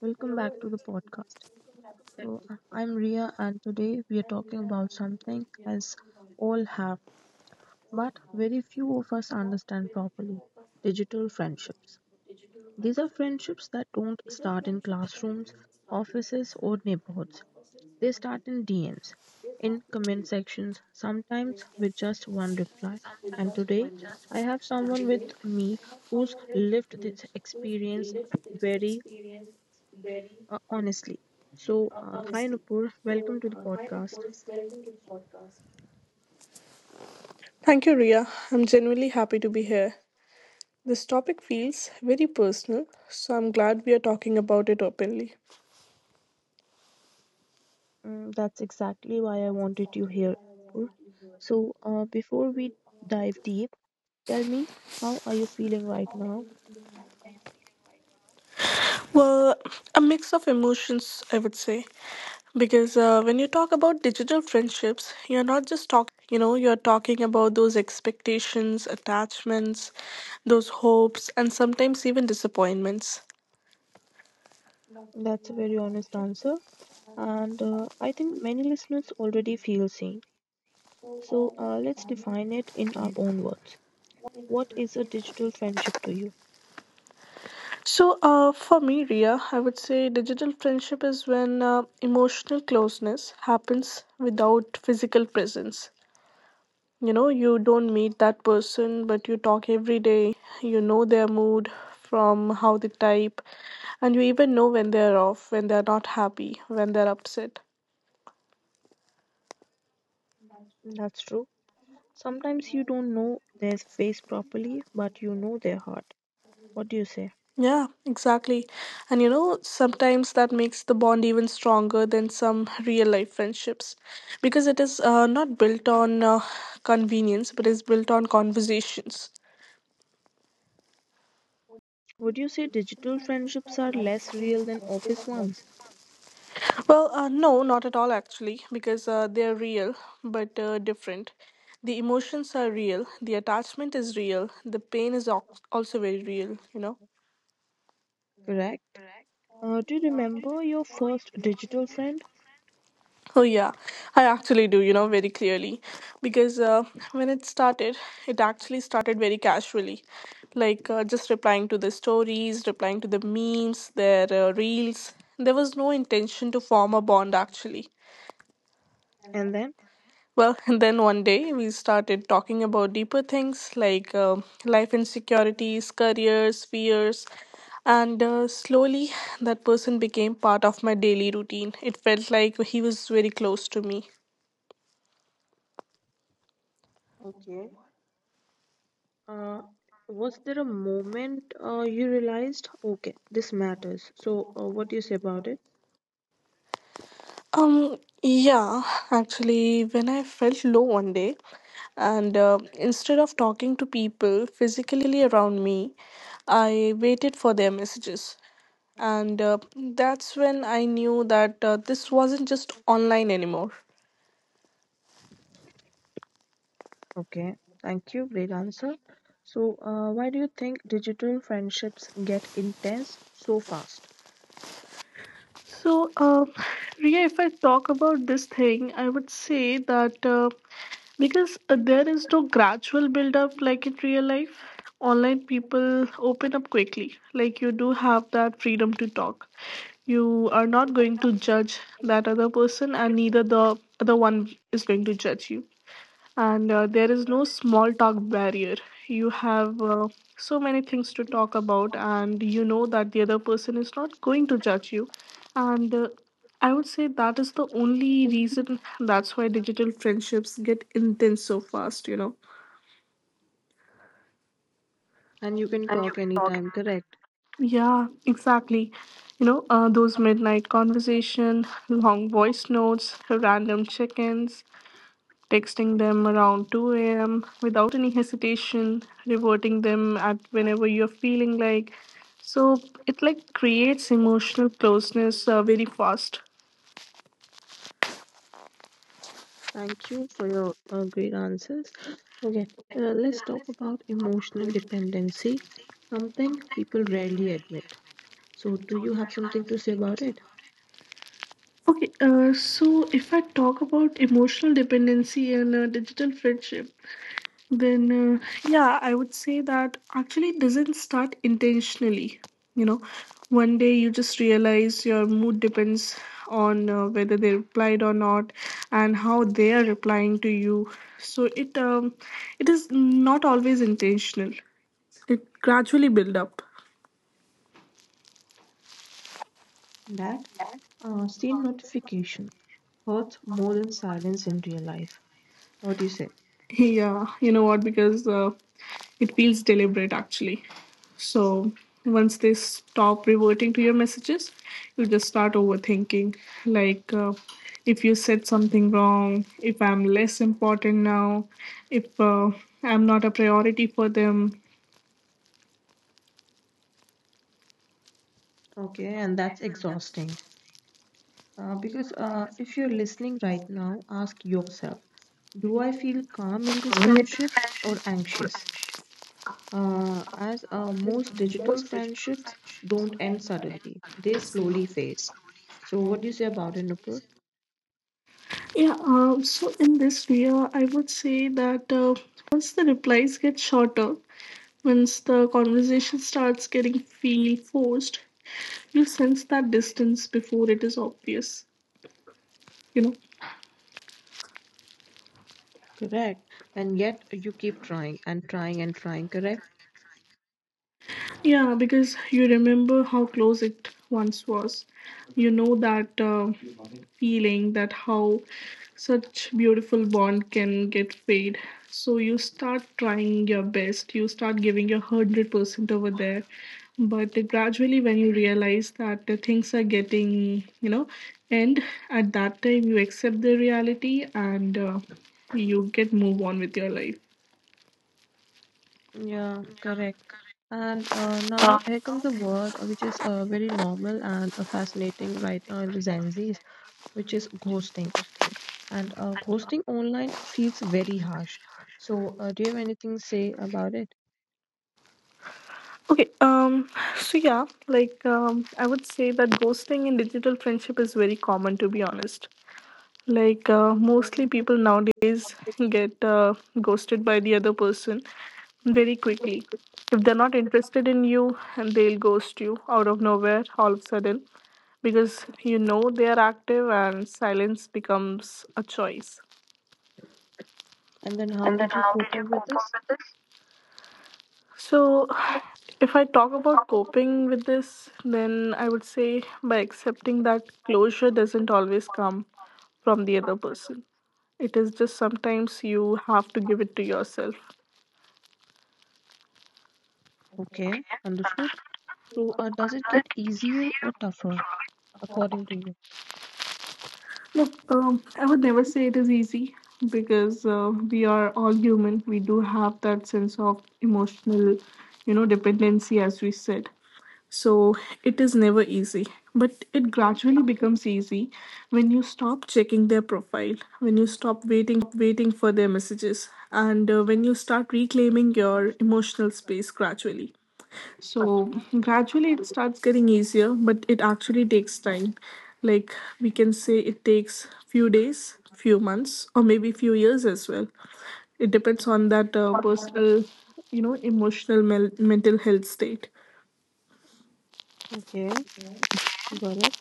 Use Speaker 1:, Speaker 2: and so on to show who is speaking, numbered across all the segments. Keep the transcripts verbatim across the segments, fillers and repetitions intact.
Speaker 1: Welcome back to the podcast. So, uh, I'm Ria, and today we are talking about something as all have, but very few of us understand properly: digital friendships. These are friendships that don't start in classrooms, offices, or neighborhoods. They start in D Ms, in comment sections, sometimes with just one reply. And today, I have someone with me who's lived this experience very uh, honestly. So, uh, hi Nupur, welcome to the podcast.
Speaker 2: Thank you, Ria. I'm genuinely happy to be here. This topic feels very personal, so I'm glad we are talking about it openly.
Speaker 1: Mm, that's exactly why I wanted you here, Nupur. So, uh, before we dive deep, tell me, how are you feeling right now?
Speaker 2: Well, a mix of emotions, I would say. Because uh, when you talk about digital friendships, you're not just talking about connections. You know, you're talking about those expectations, attachments, those hopes, and sometimes even disappointments.
Speaker 1: That's a very honest answer, and uh, I think many listeners already feel same. So, uh, let's define it in our own words. What is a digital friendship to you?
Speaker 2: So, uh, for me, Ria, I would say digital friendship is when uh, emotional closeness happens without physical presence. You know, you don't meet that person, but you talk every day. You know their mood from how they type, and you even know when they're off, when they're not happy, when they're upset.
Speaker 1: Mm, that's true. Sometimes you don't know their face properly, but you know their heart. What do you say?
Speaker 2: Yeah, exactly. And you know, sometimes that makes the bond even stronger than some real life friendships because it is uh, not built on uh, convenience but is built on conversations.
Speaker 1: Would you say digital friendships are less real than office ones?
Speaker 2: Well, uh, no, not at all actually because uh, they're real but uh, different. The emotions are real, the attachment is real, the pain is al- also very real, you know.
Speaker 1: Correct. Uh, do you remember your first digital friend?
Speaker 2: Oh, yeah, I actually do, you know, very clearly. Because uh, when it started, it actually started very casually. Like uh, just replying to the stories, replying to the memes, their uh, reels. There was no intention to form a bond, actually.
Speaker 1: And then,
Speaker 2: Well, and then one day we started talking about deeper things like uh, life insecurities, careers, fears, and uh, slowly that person became part of my daily routine. It felt like he was very close to me.
Speaker 1: okay, uh, was there a moment uh, you realized, okay, this matters? So, uh, what do you say about it?
Speaker 2: Um, yeah, actually, when I felt low one day, and uh, instead of talking to people physically around me, I waited for their messages. And uh, that's when I knew that uh, this wasn't just online anymore.
Speaker 1: Okay, thank you. Great answer. So, uh, why do you think digital friendships get intense so fast?
Speaker 2: So, um, Ria, if I talk about this thing, I would say that uh, because uh, there is no gradual build up like in real life, online people open up quickly. Like, you do have that freedom to talk. You are not going to judge that other person, and neither the other one is going to judge you and uh, there is no small talk barrier. You have uh, so many things to talk about, and you know that the other person is not going to judge you. And uh, I would say that is the only reason that's why digital friendships get intense so fast, you know.
Speaker 1: And you can talk anytime, correct?
Speaker 2: Yeah, exactly. You know, uh, those midnight conversation, long voice notes, random check-ins, texting them around two a m without any hesitation, reverting them at whenever you're feeling like. So it like creates emotional closeness uh, very fast.
Speaker 1: Thank you for your uh, great answers. Okay, uh, let's talk about emotional dependency. Something people rarely admit. So, do you have something to say about it?
Speaker 2: Okay, uh, so if I talk about emotional dependency and uh, digital friendship, then uh, yeah, I would say that actually it doesn't start intentionally, you know, one day you just realize your mood depends on uh, whether they replied or not and how they are replying to you. So it um, it is not always intentional, it gradually build up.
Speaker 1: That uh, scene notification hurts more than silence in real life. What do you say?
Speaker 2: Yeah, you know what? Because uh, it feels deliberate actually. So once they stop reverting to your messages, you just start overthinking. Like uh, if you said something wrong, if I'm less important now, if uh, I'm not a priority for them.
Speaker 1: Okay, and that's exhausting. Uh, because uh, if you're listening right now, ask yourself: do I feel calm in this friendship or anxious? Uh, as uh, most digital friendships don't end suddenly, they slowly fade. So, what do you say about it, Nupur?
Speaker 2: Yeah, um, so in this year, I would say that uh, once the replies get shorter, once the conversation starts getting feel forced, you sense that distance before it is obvious, you know?
Speaker 1: Correct. And yet you keep trying and trying and trying, correct?
Speaker 2: Yeah, because you remember how close it once was. You know that uh, feeling that how such beautiful bond can get fade. So you start trying your best, you start giving your one hundred percent over there, but gradually when you realize that the things are getting, you know, and at that time you accept the reality and uh, you get move on with your life.
Speaker 1: Yeah, correct. And uh, now here comes a word uh, which is uh, very normal and uh, fascinating right now in the Gen Zs, which is ghosting. And uh, ghosting online feels very harsh. So, uh, do you have anything to say about it?
Speaker 2: Okay, um, so yeah, like um, I would say that ghosting in digital friendship is very common to be honest. Like uh, mostly people nowadays get uh, ghosted by the other person very quickly. If they're not interested in you, and they'll ghost you out of nowhere, all of a sudden, because you know they are active, and silence becomes a choice.
Speaker 1: And then, how did you cope up with this?
Speaker 2: So, if I talk about coping with this, then I would say by accepting that closure doesn't always come from the other person. It is just sometimes you have to give it to yourself.
Speaker 1: Okay, understood. So, uh, does it get easier or tougher according to you?
Speaker 2: Look, um, I would never say it is easy because uh, we are all human. We do have that sense of emotional, you know, dependency, as we said. So it is never easy, but it gradually becomes easy when you stop checking their profile, when you stop waiting for their messages, and uh, when you start reclaiming your emotional space gradually. So gradually it starts getting easier, but it actually takes time. Like we can say it takes few days, few months, or maybe few years as well. It depends on that uh, personal, you know, emotional mel- mental health state.
Speaker 1: Okay, got it.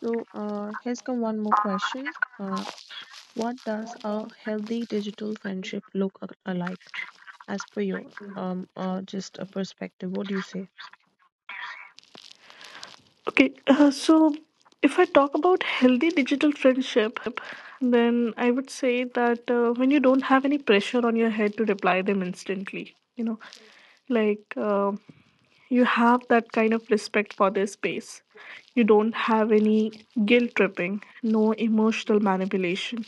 Speaker 1: So, uh, here's come one more question. Uh, what does a healthy digital friendship look a- like? As per your um uh, just a perspective, what do you say?
Speaker 2: Okay, uh, so if I talk about healthy digital friendship, then I would say that uh, when you don't have any pressure on your head to reply them instantly, you know, like. Uh, You have that kind of respect for their space. You don't have any guilt tripping, no emotional manipulation.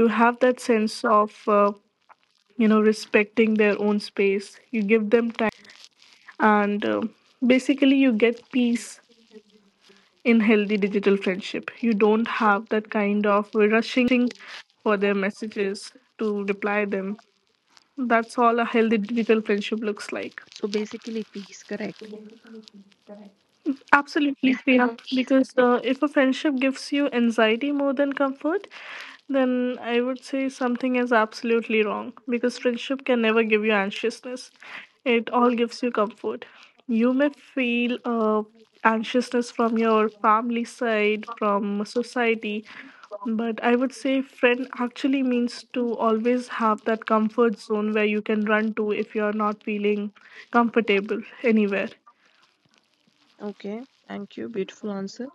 Speaker 2: You have that sense of, uh, you know, respecting their own space. You give them time, and uh, basically, you get peace in healthy digital friendship. You don't have that kind of rushing for their messages to reply them. That's all a healthy digital friendship looks like.
Speaker 1: So basically, peace, correct?
Speaker 2: Absolutely fair because uh, if a friendship gives you anxiety more than comfort, then I would say something is absolutely wrong because friendship can never give you anxiousness. It all gives you comfort. You may feel uh, anxiousness from your family side, from society, but I would say friend actually means to always have that comfort zone where you can run to if you're not feeling comfortable anywhere.
Speaker 1: Okay, thank you. Beautiful answer.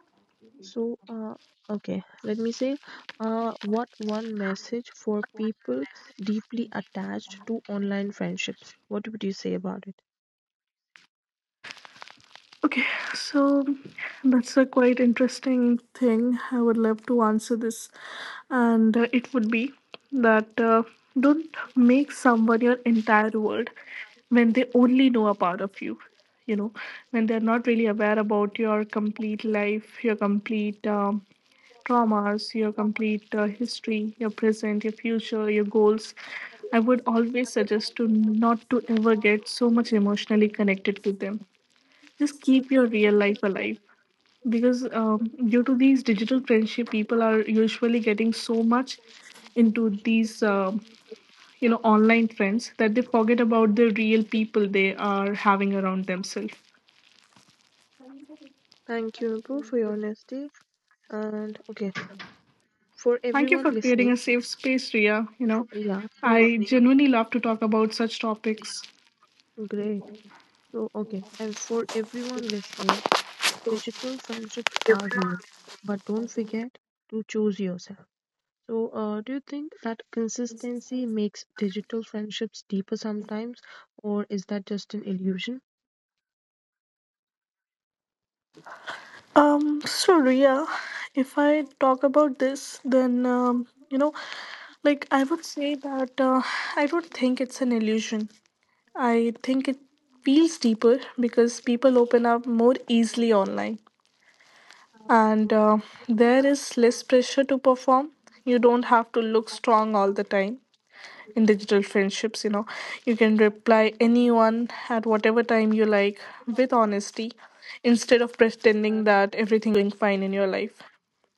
Speaker 1: So, uh, okay, let me say, uh, what one message for people deeply attached to online friendships? What would you say about it?
Speaker 2: Okay, so that's a quite interesting thing. I would love to answer this, and uh, it would be that uh, don't make someone your entire world when they only know a part of you. You know, when they're not really aware about your complete life, your complete um, traumas, your complete uh, history, your present, your future, your goals. I would always suggest to not to ever get so much emotionally connected to them. Just keep your real life alive because um, due to these digital friendship people are usually getting so much into these um you know online friends that they forget about the real people they are having around themselves.
Speaker 1: Thank you, Nupur, for your honesty. And okay, for
Speaker 2: Thank you
Speaker 1: everyone
Speaker 2: for creating
Speaker 1: listening,
Speaker 2: a safe space, Ria. You know,
Speaker 1: yeah,
Speaker 2: I
Speaker 1: for
Speaker 2: genuinely love to talk about such topics.
Speaker 1: great. So, okay, and for everyone listening, digital friendships are real, but don't forget to choose yourself. So, uh, do you think that consistency makes digital friendships deeper sometimes, or is that just an illusion?
Speaker 2: Um, so Ria, if I talk about this, then um, you know, like I would say that uh, I don't think it's an illusion. I think it feels deeper because people open up more easily online. And uh, there is less pressure to perform. You don't have to look strong all the time in digital friendships, you know. You can reply anyone at whatever time you like with honesty instead of pretending that everything is going fine in your life.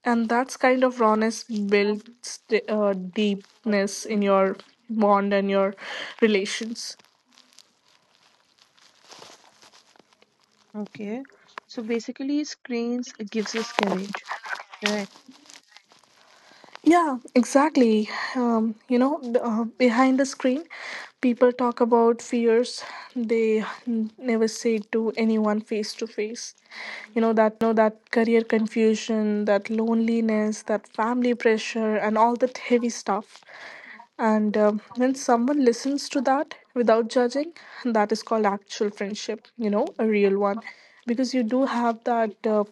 Speaker 2: And that's kind of rawness builds uh, deepness in your bond and your relations.
Speaker 1: Okay. So basically, screens gives us courage, correct?
Speaker 2: Yeah, exactly. Um, you know, b- uh, behind the screen, people talk about fears they n- never say to anyone face to face. You know, that career confusion, that loneliness, that family pressure, and all that heavy stuff. And um, when someone listens to that without judging, that is called actual friendship, you know, a real one. Because you do have that. Uh,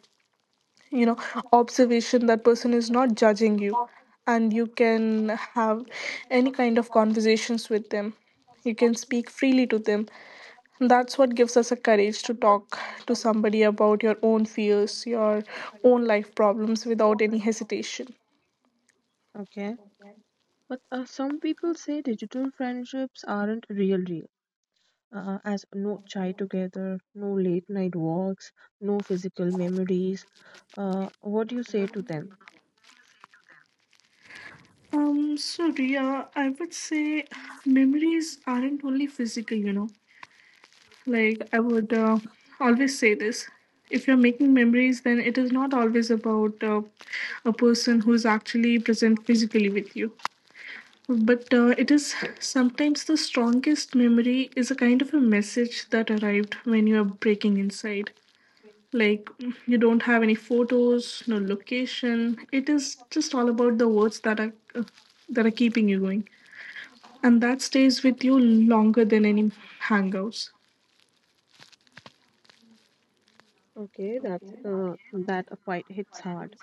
Speaker 2: you know, observation that person is not judging you and you can have any kind of conversations with them, you can speak freely to them. That's what gives us a courage to talk to somebody about your own fears, your own life problems without any hesitation.
Speaker 1: Okay. But uh, some people say digital friendships aren't real, uh, as no chai together, no late night walks, no physical memories. Uh, what do you say to them?
Speaker 2: um so Ria, I would say memories aren't only physical, you know. Like, I would uh, always say this, if you're making memories, then it is not always about uh, a person who is actually present physically with you. But uh, it is sometimes the strongest memory is a kind of a message that arrived when you are breaking inside. Like, you don't have any photos, no location. It is just all about the words that are. That are keeping you going and that stays with you longer than any hangouts.
Speaker 1: Okay, that uh, that quite hits hard.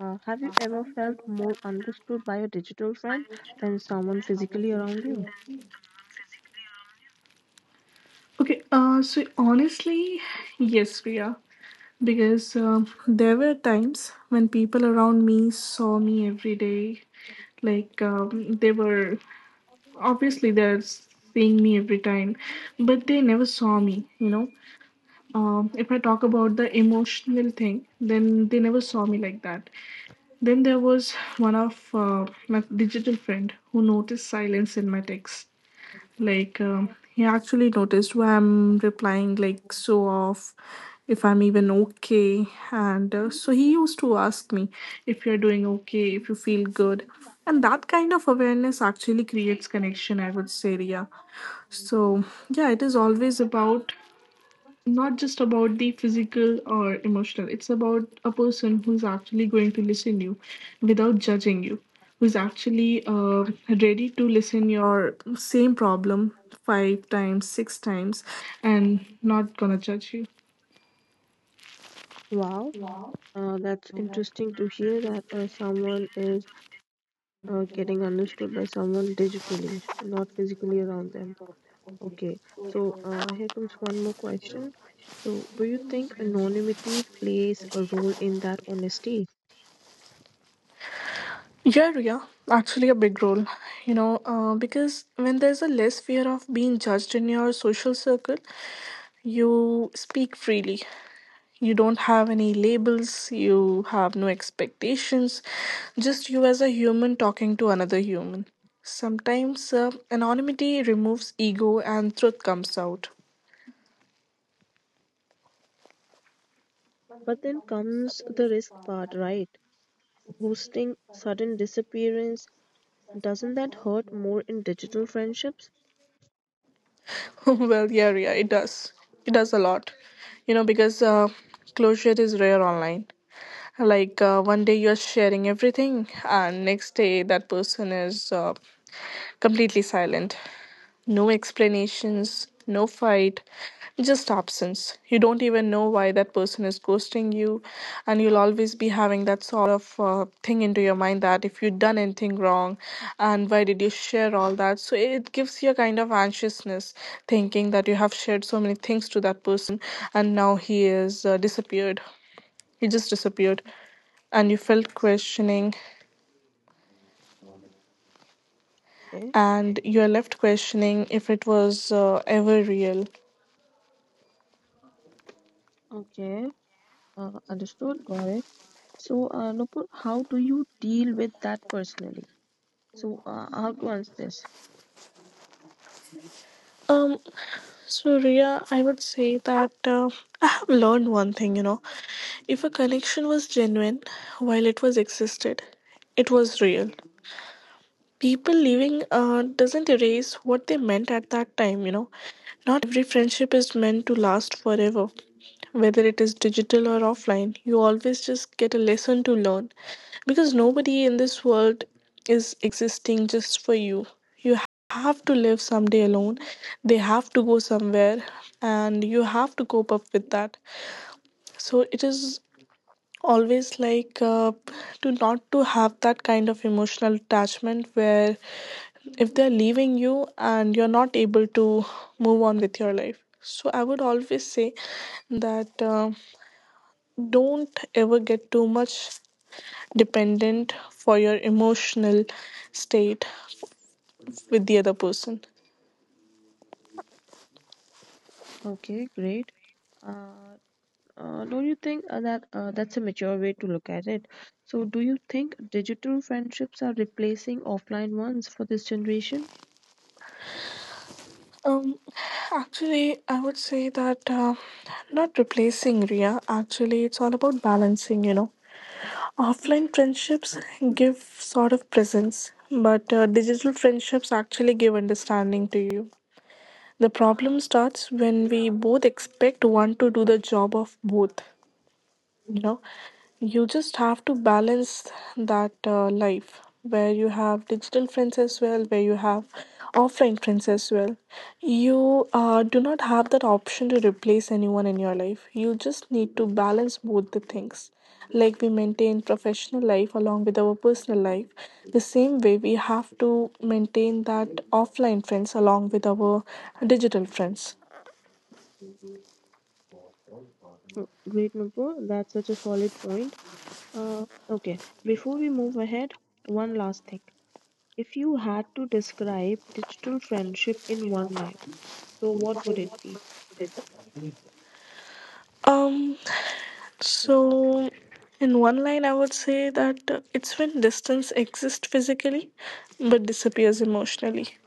Speaker 1: Uh, have you ever felt more understood by a digital friend than someone physically around you?
Speaker 2: Okay, uh, so honestly, yes, Priya, because um there were times when people around me saw me every day. Like, um, they were obviously they're seeing me every time, but they never saw me, you know. Um, if I talk about the emotional thing, then they never saw me like that. Then there was one of uh, my digital friend who noticed silence in my texts. Like, um, he actually noticed why I'm replying like so off, if I'm even okay. And uh, so he used to ask me if you're doing okay, if you feel good. And that kind of awareness actually creates connection, I would say, Ria. So, yeah, it is always about not just about the physical or emotional, it's about a person who's actually going to listen you without judging you, who's actually uh, ready to listen your same problem five times, six times and not gonna judge you.
Speaker 1: Wow, uh, that's interesting to hear that uh, someone is uh, getting understood by someone digitally, not physically around them. Okay, so uh, here comes one more question. So, do you think anonymity plays a role in that honesty?
Speaker 2: Yeah, yeah, actually a big role, you know, uh, because when there's a less fear of being judged in your social circle, you speak freely. You don't have any labels, you have no expectations, just you as a human talking to another human. Sometimes uh, anonymity removes ego and truth comes out.
Speaker 1: But then comes the risk part, right? Ghosting, sudden disappearance, doesn't that hurt more in digital friendships?
Speaker 2: Well, yeah, yeah, it does. It does a lot. You know, because uh, closure is rare online. Like uh, one day you're sharing everything, and next day that person is uh, completely silent. No explanations, no fight, just absence. You don't even know why that person is ghosting you, and you'll always be having that sort of uh, thing into your mind that if you've done anything wrong and why did you share all that. So it gives you a kind of anxiousness thinking that you have shared so many things to that person and now he is uh, disappeared. He just disappeared and you felt questioning
Speaker 1: Okay,
Speaker 2: and You're left questioning if it was uh, ever real.
Speaker 1: okay, uh, understood, got it. So, uh, Nupur, how do you deal with that personally? So, uh, how to answer this?
Speaker 2: Um, so Ria, I would say that uh, I have learned one thing, you know. If a connection was genuine while it was existed, it was real. People leaving uh, doesn't erase what they meant at that time, you know. Not every friendship is meant to last forever, whether it is digital or offline. You always just get a lesson to learn, because nobody in this world is existing just for you. You have to live someday alone, they have to go somewhere and you have to cope up with that. So it is always like uh, to not to have that kind of emotional attachment where if they're leaving you and you're not able to move on with your life. So I would always say that uh, don't ever get too much dependent for your emotional state with the other person.
Speaker 1: Okay, great. Uh, Uh, don't you think uh, that uh, that's a mature way to look at it? So, do you think digital friendships are replacing offline ones for this generation?
Speaker 2: um actually I would say that uh, not replacing, Ria, actually it's all about balancing, you know. Offline friendships give sort of presence, but uh, digital friendships actually give understanding to you. The problem starts when we both expect one to do the job of both, you know. You just have to balance that uh, life where you have digital friends as well, where you have offline friends as well. You uh, do not have that option to replace anyone in your life. You just need to balance both the things. Like we maintain professional life along with our personal life, the same way we have to maintain that offline friends along with our digital friends.
Speaker 1: Mm, great, Nupur. That's such a solid point. Uh, okay, before we move ahead, one last thing. If you had to describe digital friendship in one line, so what would it be?
Speaker 2: Um, so in one line, I would say that uh, it's when distance exists physically but disappears emotionally.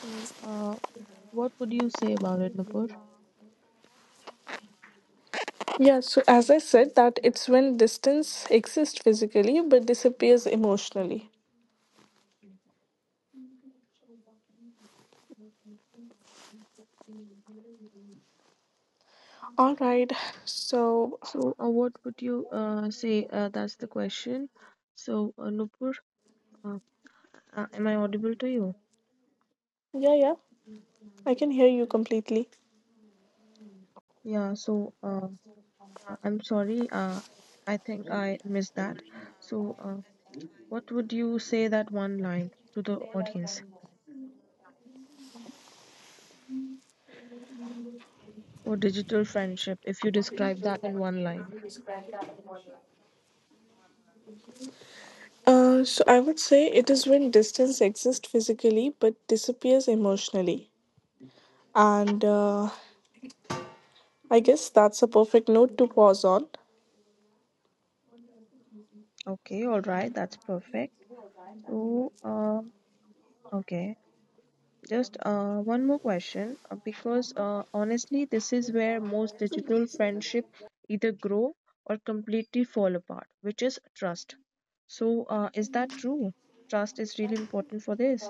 Speaker 1: So, uh, what would you say about it, Nupur?
Speaker 2: Yeah, so as I said, that it's when distance exists physically but disappears emotionally. All right, so
Speaker 1: So, uh, what would you uh, say? Uh, that's the question. So, uh, Nupur, uh, uh, am I audible to you?
Speaker 2: yeah, yeah, I can hear you completely.
Speaker 1: Yeah, so uh, uh, I'm sorry, uh, I think I missed that. So, uh, what would you say, that one line to the audience for digital friendship, if you describe that in one line?
Speaker 2: Uh, so I would say it is when distance exists physically but disappears emotionally. And uh, I guess that's a perfect note to pause on.
Speaker 1: Okay, all right, that's perfect. So, uh, okay, just uh, one more question uh, because uh, honestly, this is where most digital friendship either grow or completely fall apart, which is trust. So, uh, is that true? Trust is really important for this.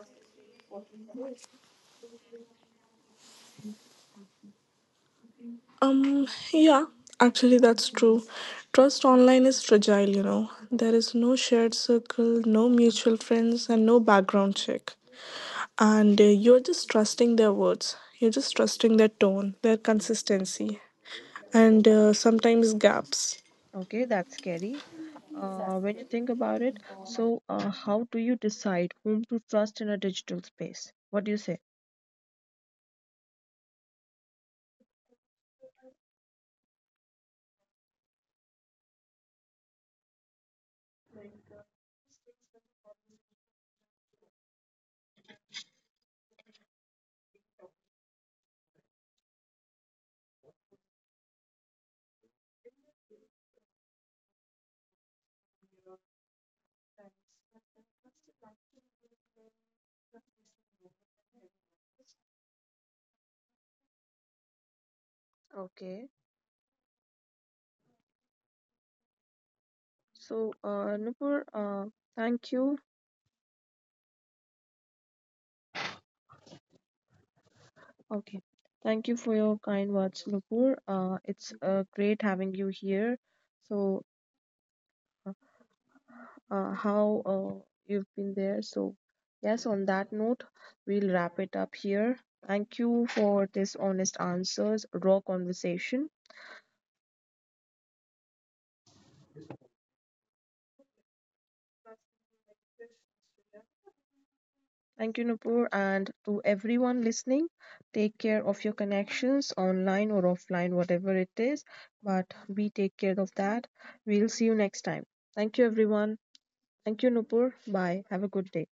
Speaker 2: Um, yeah, actually, that's true. Trust online is fragile, you know. There is no shared circle, no mutual friends, and no background check. And uh, you're just trusting their words, you're just trusting their tone, their consistency, and uh, sometimes gaps.
Speaker 1: Okay, that's scary. Uh, when you think about it, so uh, how do you decide whom to trust in a digital space? What do you say? Okay, so uh, Nupur, uh, thank you. Okay. Thank you for your kind words, Nupur. Uh, it's uh, great having you here. So, uh, uh, how uh, you've been there. So, yes, on that note, we'll wrap it up here. Thank you for this honest answers, raw conversation. Thank you, Nupur. And to everyone listening, take care of your connections online or offline, whatever it is. But we take care of that. We'll see you next time. Thank you, everyone. Thank you, Nupur. Bye. Have a good day.